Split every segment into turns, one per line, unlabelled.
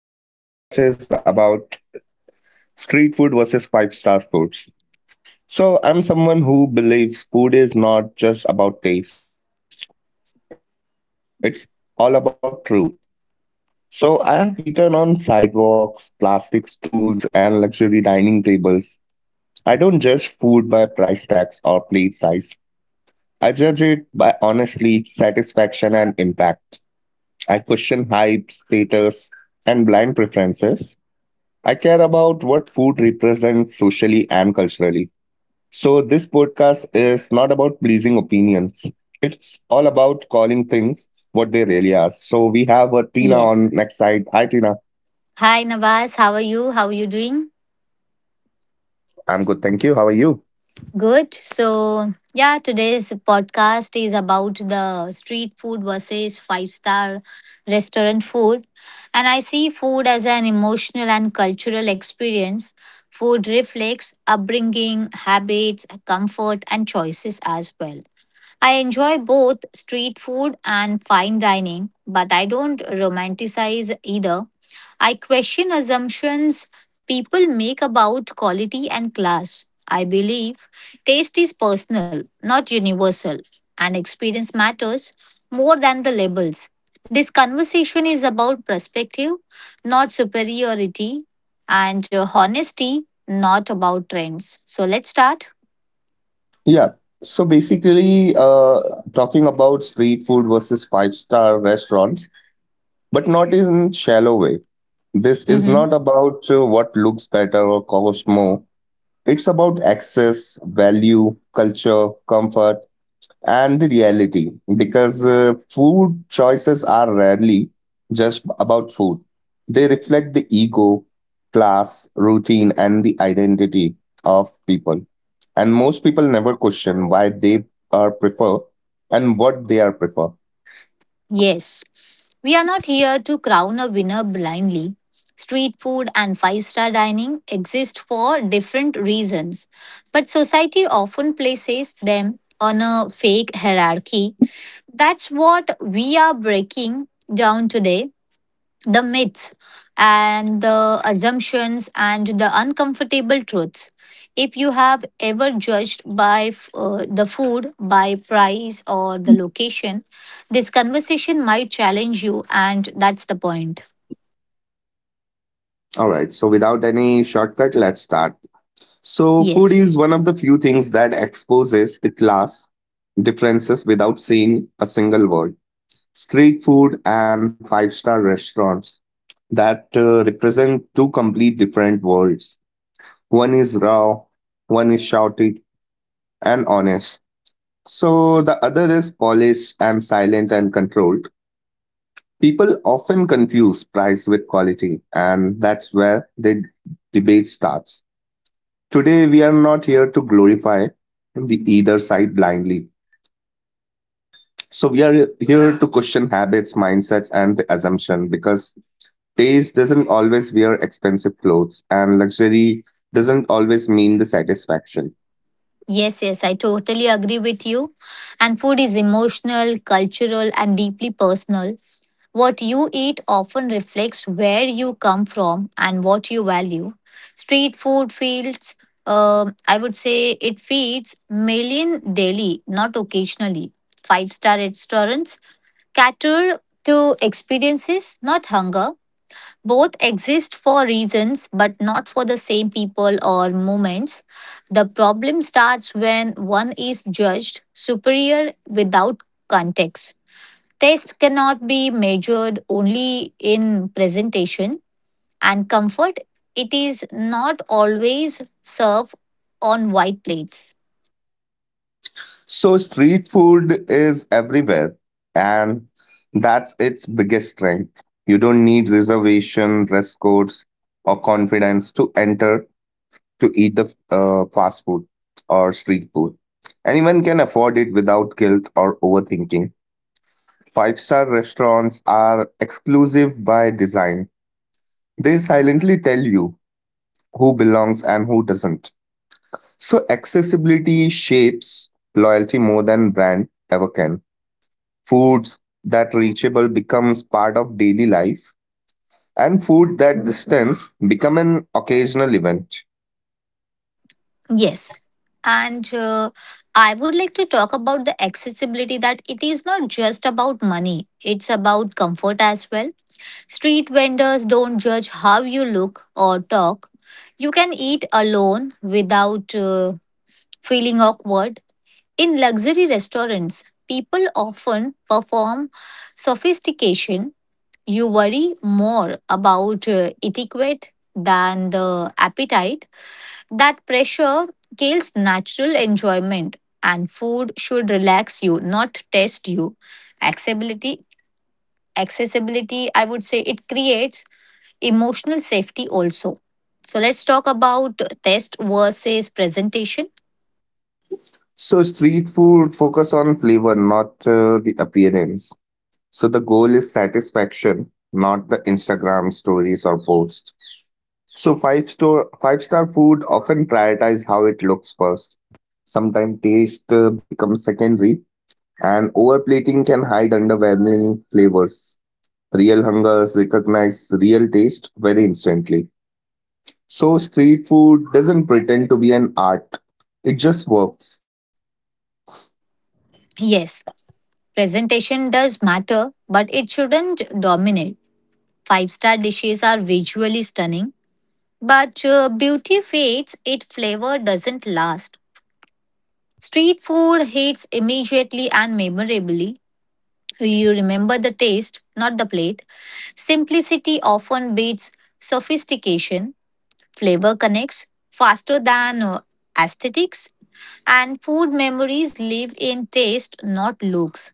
Today's podcast is about street food versus five-star foods. So, I'm someone who believes food is not just about taste, it's all about truth. So, I have eaten on sidewalks, plastic stools, and luxury dining tables. I don't judge food by price tags or plate size, I judge it by honestly satisfaction and impact. I question hype, status, and blind preferences. I care about what food represents socially and culturally. So, this podcast is not about pleasing opinions, it's all about calling things what they really are. So, we
yes.
have a Tina on next side. Hi,
Hi,
Tina.
Nawaz. How are you? How are you doing?
I'm good, thank you.
Good.
How are you?
So, yeah, today's podcast is about the street food versus five-star restaurant food. And I see food as an emotional and cultural experience. Food reflects upbringing, habits, comfort, and choices as well. I enjoy both street food and fine dining, but I don't romanticize either. I question assumptions people make about quality and class. I believe taste is personal, not universal, and experience matters more than the labels. This conversation is about perspective, not superiority, and honesty, not about trends. So let's start.
Yeah. So basically, talking about street food versus five-star restaurants, but not in shallow way. This is not
Mhm.
about what looks better or costs more. It's about access, value, culture, comfort, and the reality because food choices are rarely just about food. They reflect the ego, class, routine, and the identity of people. And most people never question why they are prefer and what they are prefer.
Yes, we are not here to crown a winner blindly. Street food and five-star dining exist for different reasons, but society often places them on a fake hierarchy. That's what we are breaking down today, the myths and the assumptions and the uncomfortable truths. If you have ever judged by the food, by price, or the location, this conversation might challenge you, and that's the point.
All right, so without any shortcut, let's start. So, food
Yes.
is one of the few things that exposes the class differences without saying a single word. Street food and five-star restaurants that represent two complete different worlds. One is raw, one is shouty and honest. So, the other is polished and silent and controlled. People often confuse price with quality, and that's where the debate starts. Today, we are not here to glorify the either side blindly. So, we are here to question habits, mindsets, and the assumption because taste doesn't always wear expensive clothes, and luxury doesn't always mean the satisfaction.
Yes, I totally agree with you. And food is emotional, cultural, and deeply personal. What you eat often reflects where you come from and what you value. Street food feels, I would say, it feeds million daily, not occasionally. Five-star restaurants cater to experiences, not hunger. Both exist for reasons, but not for the same people or moments. The problem starts when one is judged superior without context. Taste cannot be measured only in presentation and comfort. It is not always served on white plates.
So, street food is everywhere, and that's its biggest strength. You don't need reservation, dress codes, or confidence to enter to eat the fast food or street food. Anyone can afford it without guilt or overthinking. Five-star restaurants are exclusive by design. They silently tell you who belongs and who doesn't. So, accessibility shapes loyalty more than brand ever. Foods that reachable becomes part of daily life, and food that distance become an occasional event.
Yes. And I would like to talk about the accessibility, that it is not just about money, it's about comfort as well. Street vendors don't judge how you look or talk. You can eat alone without feeling awkward. In luxury restaurants, people often perform sophistication. You worry more about etiquette than the appetite. That pressure kills natural enjoyment, and food should relax you, not test you. Accessibility accessibility, I would say, it creates emotional safety also. So let's talk about test versus presentation.
So street food focus on flavor, not the appearance. So the goal is satisfaction, not the Instagram stories or posts. So five star food often prioritize how it looks first. Sometimes taste becomes secondary, and overplating can hide underwhelming flavors. Real hungers recognize real taste very instantly. So street food doesn't pretend to be an art; it just works.
Yes, presentation does matter, but it shouldn't dominate. Five-star dishes are visually stunning, but beauty fades, its flavor doesn't last. Street food hits immediately and memorably. You remember the taste, not the plate. Simplicity often beats sophistication. Flavor connects faster than aesthetics. And food memories live in taste, not looks.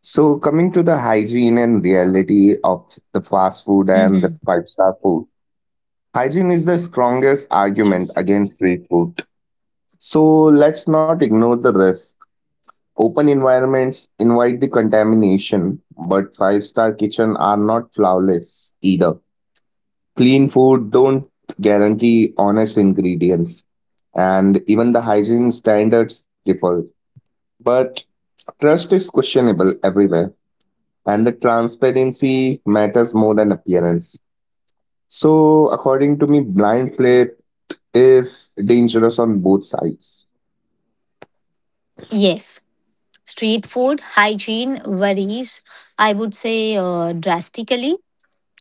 So, coming to the hygiene and reality of the fast food and the
Hmm.
five-star food, hygiene is the strongest argument
Yes.
against street food. So, let's not ignore the risk. Open environments invite the contamination, but five-star kitchen are not flawless either. Clean food don't guarantee honest ingredients, and even the hygiene standards differ. But trust is questionable everywhere, and the transparency matters more than appearance. So, according to me, blind faith is dangerous on both sides.
Yes. Street food hygiene varies, I would say, drastically.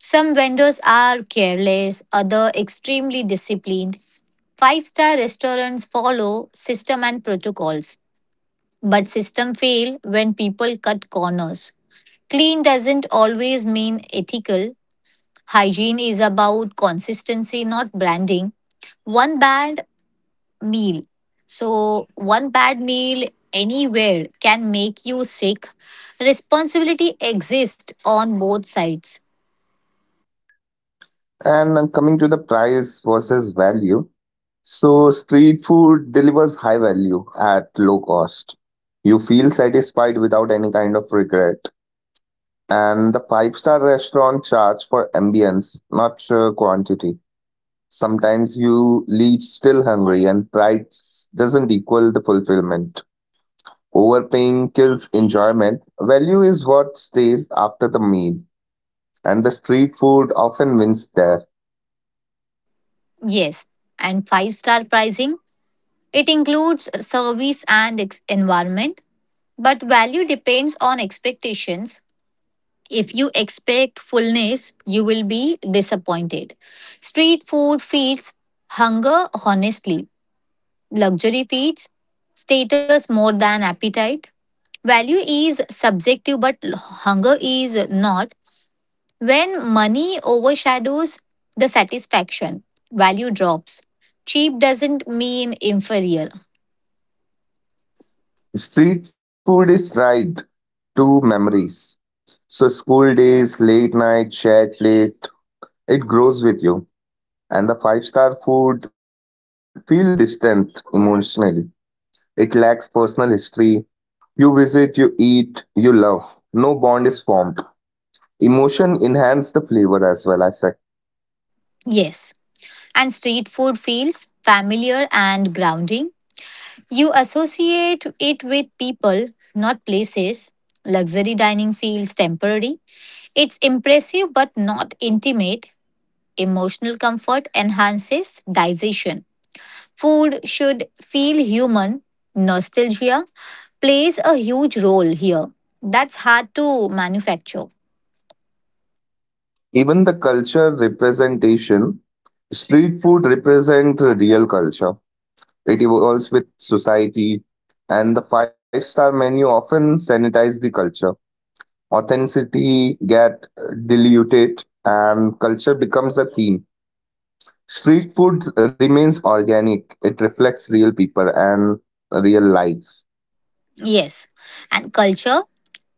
Some vendors are careless, other extremely disciplined. Five-star restaurants follow system and protocols, but system fail when people cut corners. Clean doesn't always mean ethical. Hygiene is about consistency, not branding. One bad meal. So, one bad meal anywhere can make you sick. Responsibility exists on both sides.
And I'm coming to the price versus value. So, street food delivers high value at low cost. You feel satisfied without any kind of regret. And the five-star restaurant charge for ambience, not quantity. Sometimes you leave still hungry, and doesn't equal the fulfillment. Overpaying kills enjoyment. Value is what stays after the meal, and the street food often wins there.
Yes. And five-star pricing, it includes service and environment, but value depends on expectations. If you expect fullness, you will be disappointed. Street food feeds hunger honestly, luxury feeds status more than appetite. Value is subjective, but hunger is not. When money overshadows the satisfaction, value drops. Cheap doesn't mean inferior.
Street food is tied to memories. So, school days, late night, chat late. It grows with you. And the five-star food feel distant emotionally. It lacks personal history. You visit, you eat, you love. No bond is formed. Emotion enhance the flavor as well, I say.
Yes. And street food feels familiar and grounding. You associate it with people, not places. Luxury dining feels temporary. It's impressive but not intimate. Emotional comfort enhances digestion. Food should feel human. Nostalgia plays a huge role here. That's hard to manufacture.
Even the culture representation, street food represent real culture. It evolves with society, and the five-star menu often sanitize the culture. Authenticity get diluted, and culture becomes a theme. Street food remains organic. It reflects real people and real lives.
Yes. And culture?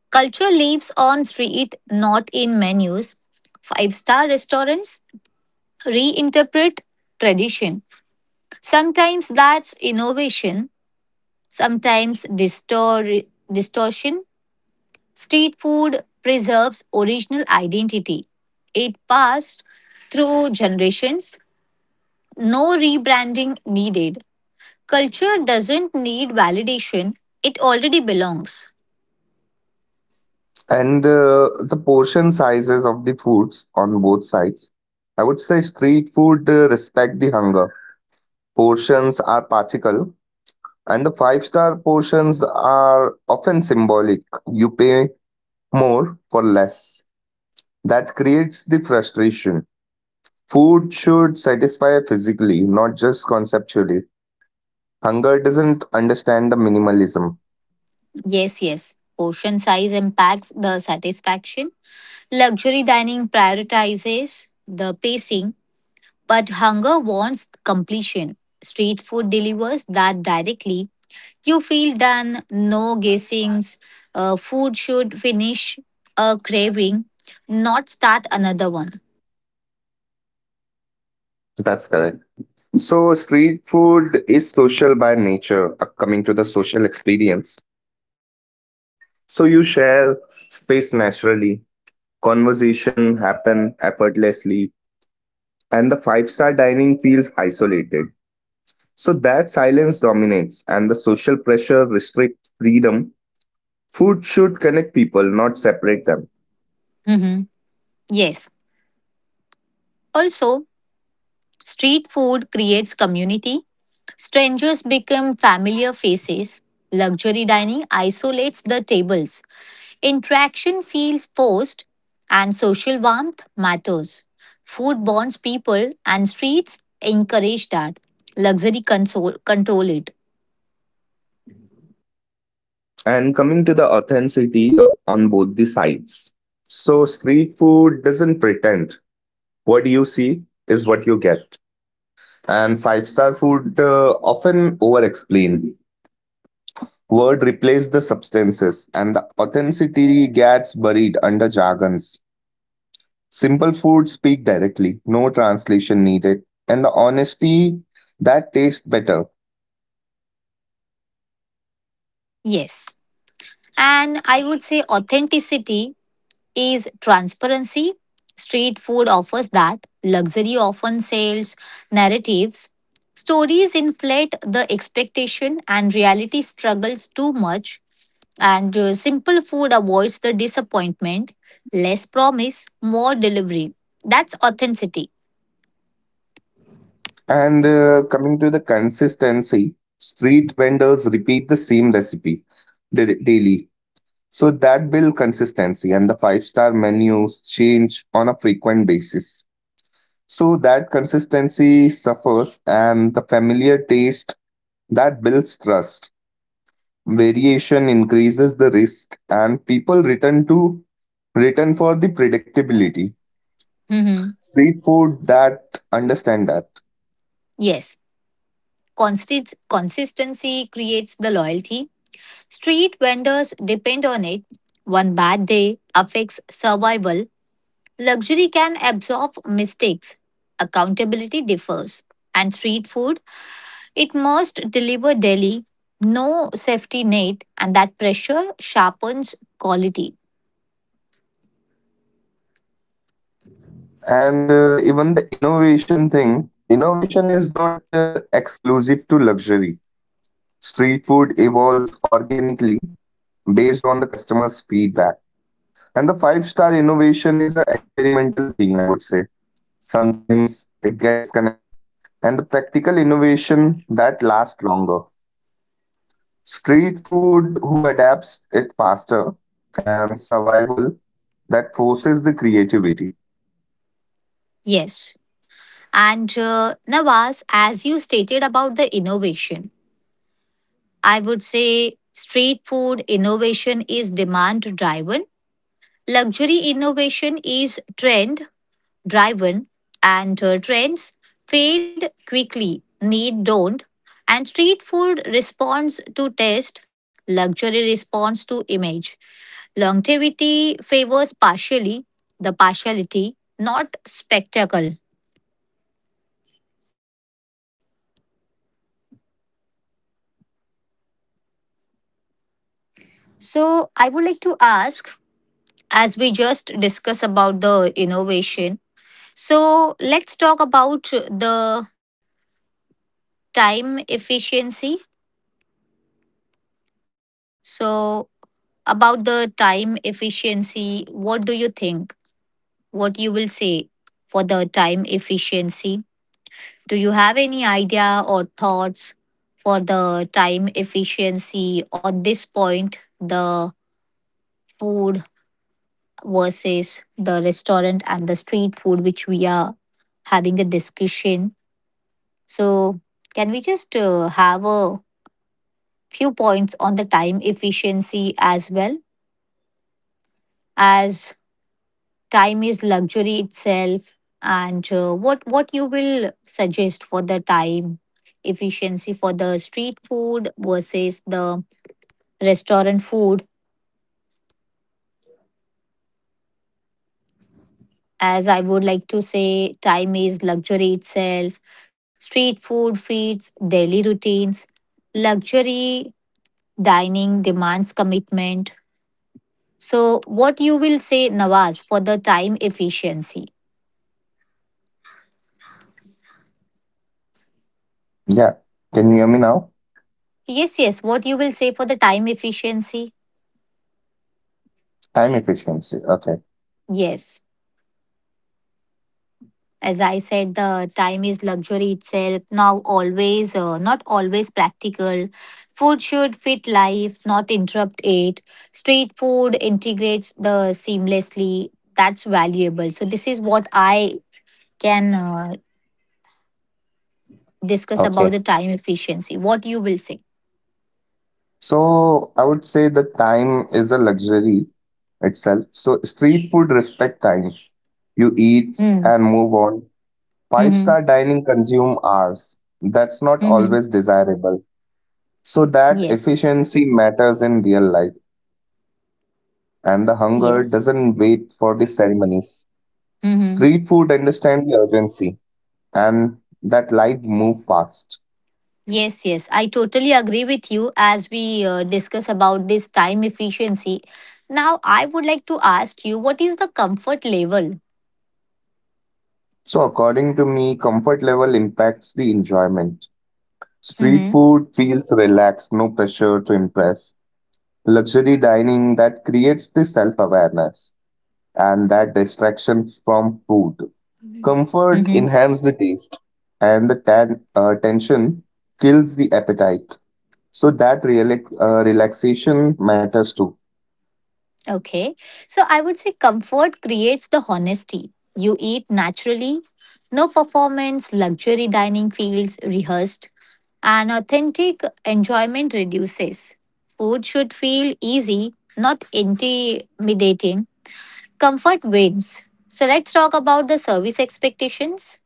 Culture lives on street, not in menus. Five-star restaurants reinterpret tradition. Sometimes that's innovation, sometimes distortion. Street food preserves original identity. It passed through generations. No rebranding needed. Culture doesn't need validation, it already belongs.
And the portion sizes of the foods on both sides. I would say street food respect the hunger portions are particle and the five-star portions are often symbolic. You pay more for less. That creates the frustration. Food should satisfy physically, not just conceptually. Hunger doesn't understand the minimalism.
Yes, yes. Portion size impacts the satisfaction. Luxury dining prioritizes the pacing, but hunger wants completion. Street food delivers that directly. You feel done, no guessings. Food should finish a craving, not start another one.
That's correct. So, street food is social by nature, coming to the social experience. So, you share space naturally, conversation happen effortlessly and the five-star dining feels isolated. So that silence dominates and the social pressure restricts freedom. Food should connect people, not separate them.
Mhm. Yes. Also, street food creates community. Strangers become familiar faces. Luxury dining isolates the tables. Interaction feels forced, and social warmth matters. Food bonds people, and streets encourage that. Luxury console, control it.
And coming to the authenticity on both the sides. So street food doesn't pretend. What you see is what you get. And five-star food often over explain. Word replace the substances and the authenticity gets buried under jargons. Simple food speak directly, no translation needed, and the honesty that tastes better.
Yes. And I would say authenticity is transparency. Street food offers that. Luxury often sells narratives. Stories inflate the expectation and reality struggles too much. And simple food avoids the disappointment. Less promise, more delivery. That's authenticity.
And coming to the consistency, street vendors repeat the same recipe daily. So that build consistency and the five menus change on a frequent basis. So that consistency suffers and the familiar taste that builds trust. Variation increases the risk and people return to written for the predictability.
Mhm.
Street food that understand that
Yes. Consistency creates the loyalty. Street vendors depend on it. One bad day affects survival. Luxury can absorb mistakes. Accountability differs. And street food, it must deliver daily, no safety net, and that pressure sharpens quality.
and even the innovation thing. Innovation is not exclusive to luxury. Street food evolves organically based on the customer's feedback and the five-star innovation is a experimental thing, I would say. Sometimes it get disconnected and the practical innovation that lasts longer. Street food who adapts it faster and survival that forces the creativity.
Yes. And Nawaz, as you stated about the innovation, I would say street food innovation
Hmm.
is demand driven, luxury innovation is trend, drive-in, and trends fade quickly, need don't, and street food responds to taste, luxury responds to image, longevity favors
You
partially
there?
the partiality, not spectacle. So I would like to ask, as we
You
just
there?
discuss about the innovation,
Hello.
so let's talk about the time efficiency. So about the time efficiency, what do you think? What you will say for the time efficiency? Do you have any idea or thoughts for the time efficiency on this point, the food versus the restaurant and the street food, which we are having a discussion? So can we just have a few points on the time efficiency as well, as time is luxury itself, and what you will suggest for the time efficiency for the street food versus the restaurant food? As I would like to say, time is luxury itself. Street food feeds daily routines, luxury dining demands commitment. So what you will say, Nawaz, for the time efficiency?
Yeah. Can you hear me now?
Yes, what you will say for the time efficiency?
Time efficiency. Okay.
Yes. As I said, the time is luxury itself, now always, not always practical. Food should fit life, not interrupt it. Street food integrates the seamlessly. That's valuable. So, this is what I can discuss
Okay.
about the time efficiency. What you will say?
So I would say that time is a luxury itself. So street food respect time. You eat
Mm.
and move on. Five
Mm-hmm.
star dining consume hours. That's not
Mm-hmm.
always desirable. So that
Yes.
efficiency matters in real life and the hunger doesn't wait
Yes.
for the ceremonies. Street food
Mm-hmm.
understand the urgency and that life move fast.
Yes, yes, I totally agree with you as we discuss about this time efficiency. Now, I would like to ask you, what is the comfort level?
So, according to me, comfort level impacts the enjoyment. Street
Hmm.
food feels relaxed, no pressure to impress. Luxury dining that creates the self awareness and that distraction from food. Comfort
Hmm.
enhances the taste, and the tension kills the appetite. So, that relaxation matters too.
Okay, so I would say comfort creates the honesty. You eat naturally, no performance, luxury dining feels rehearsed, and authentic enjoyment reduces. Food should feel easy, not intimidating. Comfort wins. So let's talk about the service expectations.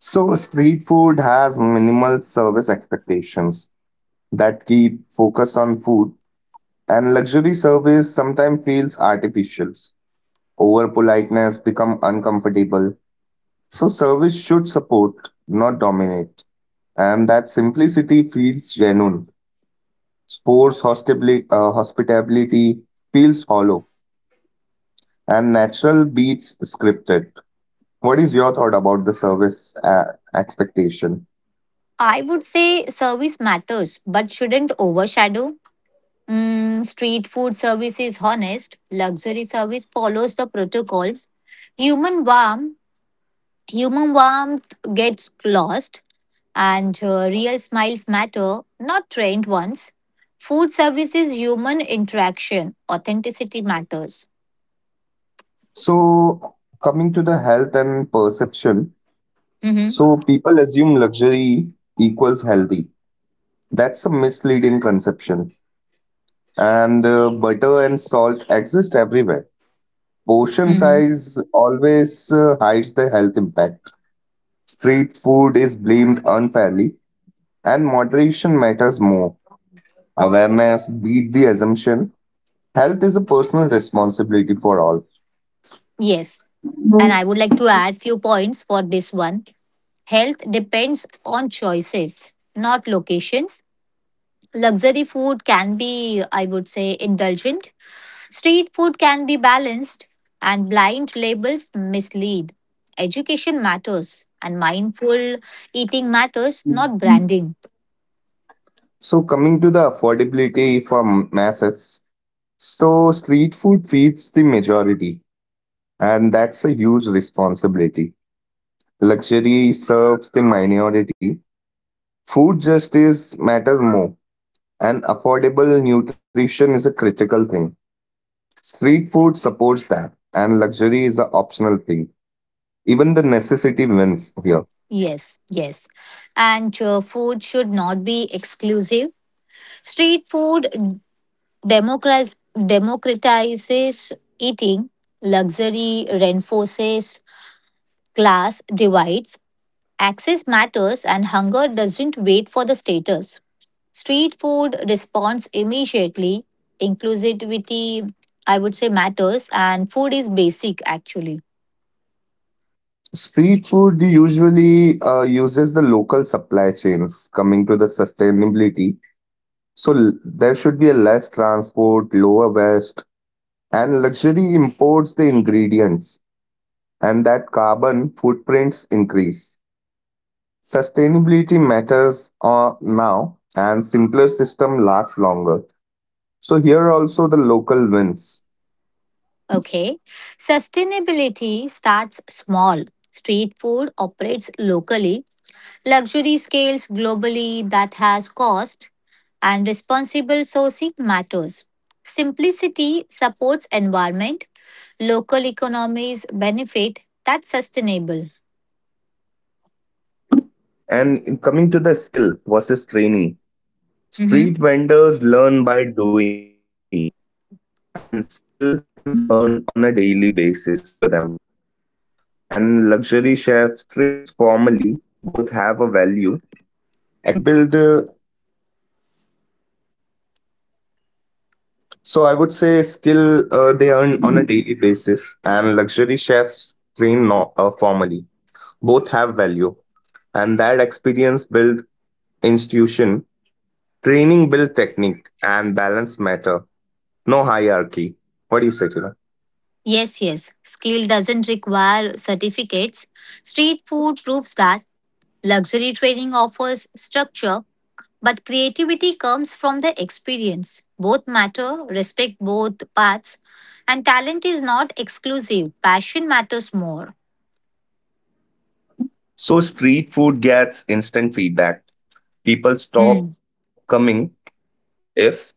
So, street food has minimal service expectations that keep focus on food. And luxury service sometimes feels artificial. Over politeness become uncomfortable. So service should support, not dominate. And that simplicity feels genuine. Sports hospitably, hospitality feels hollow. And natural beats scripted. What is your thought about the service expectation?
I would say service matters but shouldn't overshadow. Mm, street food service is honest, luxury service follows the protocols. Human warmth, human warmth gets lost, and real smiles matter, not trained ones. Food service is human interaction, authenticity matters.
So coming to the health and perception.
Mhm.
So people assume luxury equals healthy. That's a misleading conception and butter and salt exist everywhere. Portion
Mhm.
size always hides the health impact. Street food is blamed unfairly, and moderation matters more. Awareness beat the assumption. Health is a personal responsibility for all.
Yes, and I would like to add few points for this one. Health depends on choices, not locations. Luxury food can be, I would say, indulgent. Street food can be balanced, and blind labels mislead. Education matters, and mindful eating matters, not branding.
So, coming to the affordability for masses, so street food feeds the majority, and that's a huge responsibility. Luxury serves the minority. Food justice matters more. And affordable nutrition is a critical thing. Street food supports that, and luxury is an optional thing. Even the necessity wins here.
Yes, yes. And food should not be exclusive. Street food democratizes eating, luxury reinforces class divides. Access matters and hunger doesn't wait for the status. Street food responds immediately. Inclusivity, I would say, matters, and food is basic actually.
Street food usually uses the local supply chains coming to the sustainability. So there should be a less transport, lower waste, and luxury imports the ingredients, and that carbon footprints increase. Sustainability matters now, and simpler system lasts longer. So here are also the local wins.
Okay. Sustainability starts small. Street food operates locally. Luxury scales globally, that has cost, and responsible sourcing matters. Simplicity supports environment. Local economies benefit. That's sustainable.
And in coming to the skill versus training,
Mhm.
street vendors learn by doing, and skill is earned on a daily basis to them. And luxury chefs trains formally, both have a value. Experience build, uh, so I would say skill they earn on a daily basis, and luxury chefs train no, formally, have value and that experience build institution. Training build technique and balance matter, no hierarchy. What do you say to that?
Yes, yes. Skill doesn't require certificates. Street food proves that, luxury training offers structure, but creativity comes from the experience. Both matter, respect both paths, and talent is not exclusive. Passion matters more.
So street food gets instant feedback.
Hmm.
People stop coming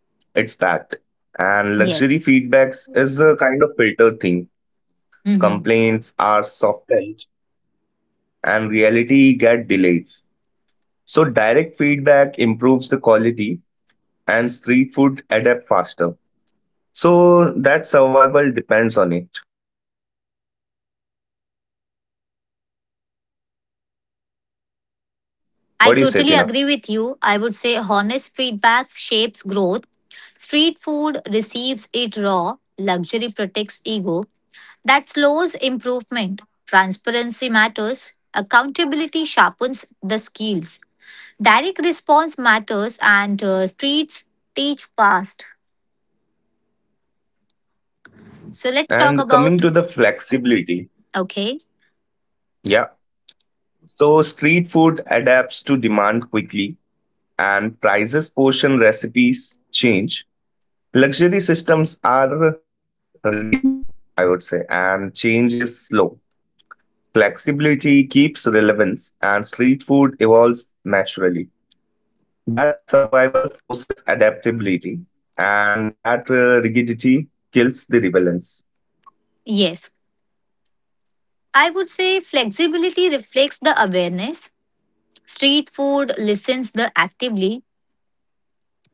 if it's bad.
Yes.
And luxury feedbacks is a kind of filter thing.
Mhm.
Complaints are softened and reality get delays. So direct feedback improves the quality and street food adapt faster. So that survival depends on it.
Yes. Yes, yes. I
What do you
totally
say,
agree
Tina?
with you. I would say honest feedback shapes growth. Street food receives it raw, luxury protects ego, that slows improvement. Transparency matters. Accountability sharpens the skills. Direct response matters, and streets teach fast. So let's talk
And coming
about.
to the flexibility,
Okay,
yeah. So street food adapts demand quickly and prices portion recipes change. Luxury systems are rigid, I would say, and change is slow. Flexibility keeps relevance and street food evolves naturally. That survival forces adaptability, and that rigidity kills the rebellions.
yes. I would say flexibility reflects the awareness. Street food listens the actively.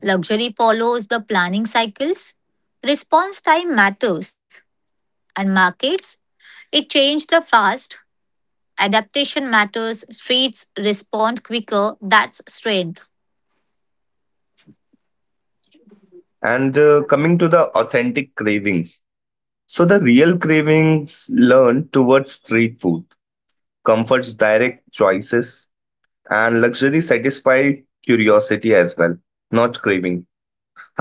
Luxury follows the planning cycles. Response time matters. And markets, it changed the fast. Adaptation matters. Streets respond quicker. That's strength.
And coming to the authentic cravings. So, the real cravings learn towards street food, comforts direct choices, and luxury satisfy curiosity as well, not craving.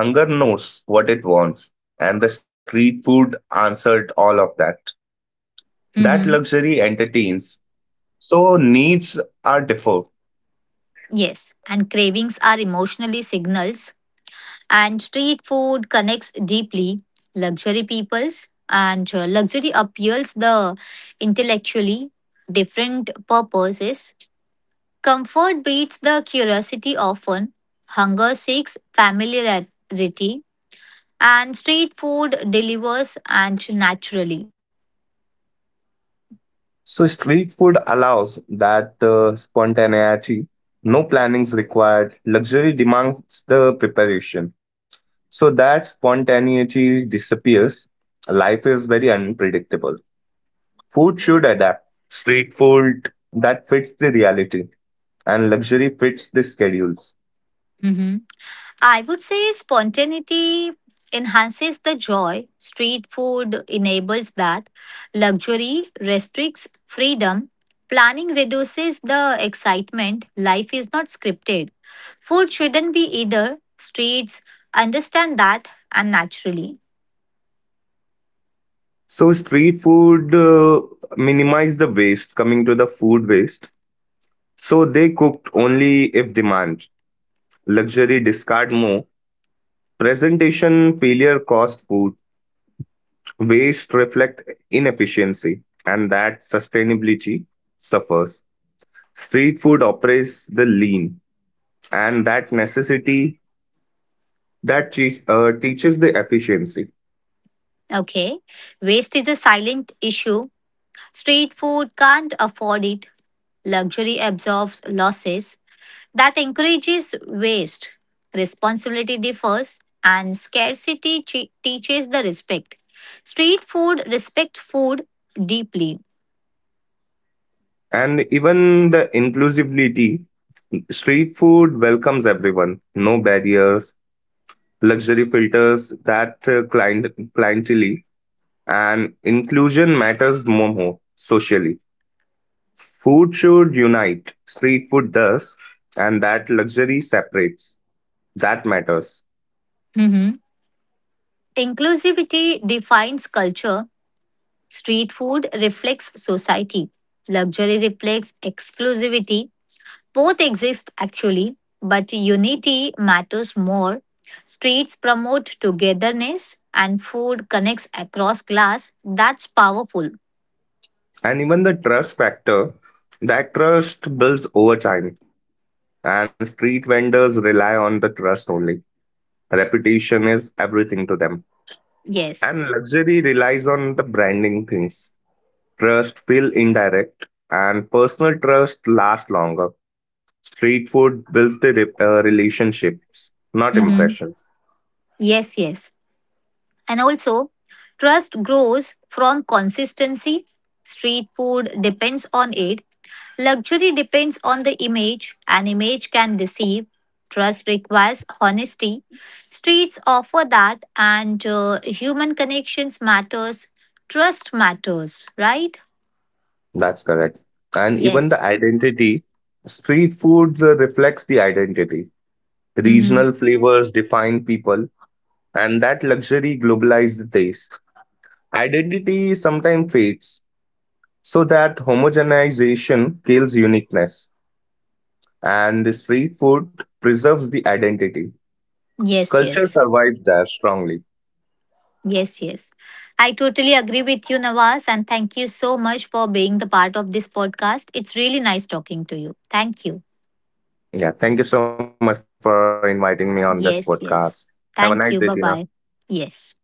Hunger knows what it wants, and the street food answered all of that. That
Mhm.
luxury entertains, so needs are deferred.
Yes. And cravings are emotionally signals. And street food connects deeply. Luxury peoples and luxury appeals the intellectually, different purposes. Comfort beats the curiosity often. Hunger seeks familiarity. And street food delivers and naturally.
So street food allows that spontaneity. No plannings required. Luxury demands the preparation. So that spontaneity disappears. Life is very unpredictable. Food should adapt. Street food that fits the reality and luxury fits the schedules.
Mhm. I would say spontaneity enhances the joy. Street food enables that. Luxury restricts freedom. Planning reduces the excitement. Life is not scripted. Food shouldn't be either. Streets understand that and naturally.
So street food minimize the waste coming to the food waste. So they cooked only if demand. Luxury discard more. Presentation failure cost food waste reflect inefficiency and that sustainability suffers. Street food operates the lean and that necessity that teaches the efficiency
Okay. Waste is a silent issue. Street food can't afford it. Luxury absorbs losses, that encourages waste. Responsibility differs, and scarcity teaches the respect. Street food respects food deeply.
and even the inclusivity. Street food welcomes everyone, no barriers, luxury filters that clientele and inclusion matters more, more socially. Food should unite, street food does, and that luxury separates. That matters.
Mhm. Inclusivity defines culture. Street food reflects society. Luxury reflects exclusivity. Both exist actually, but unity matters more. Streets promote togetherness and food connects across class. That's powerful.
And even the trust factor, that trust builds over time, and street vendors rely on the trust only. Reputation is everything to them.
Yes.
And luxury relies on the branding things. Trust feel indirect, and personal trust lasts longer. Street food builds the relationships, not
Hmm.
impressions.
Yes, yes. And also, trust grows from consistency. Street food depends on it. Luxury depends on the image, and image can deceive. Trust requires honesty. Streets offer that, and human connections matters. Trust matters, right?
That's correct. And even the
Yes.
identity, street food reflects the identity.
Mm-hmm.
Regional flavors define people, and that luxury globalized the taste. Identity sometimes fades, so that homogenization kills uniqueness, and street food preserves the identity.
Yes,
Culture
yes.
survives there strongly.
Yes, yes, I totally agree with you, Nawaz, and thank you so much for being the part of this podcast. It's really nice talking to you. Thank you.
Yeah, thank you so much for inviting me on this podcast.
Yes,
Have a
yes.
nice day, Tina.
Thank you. Bye bye. Yes.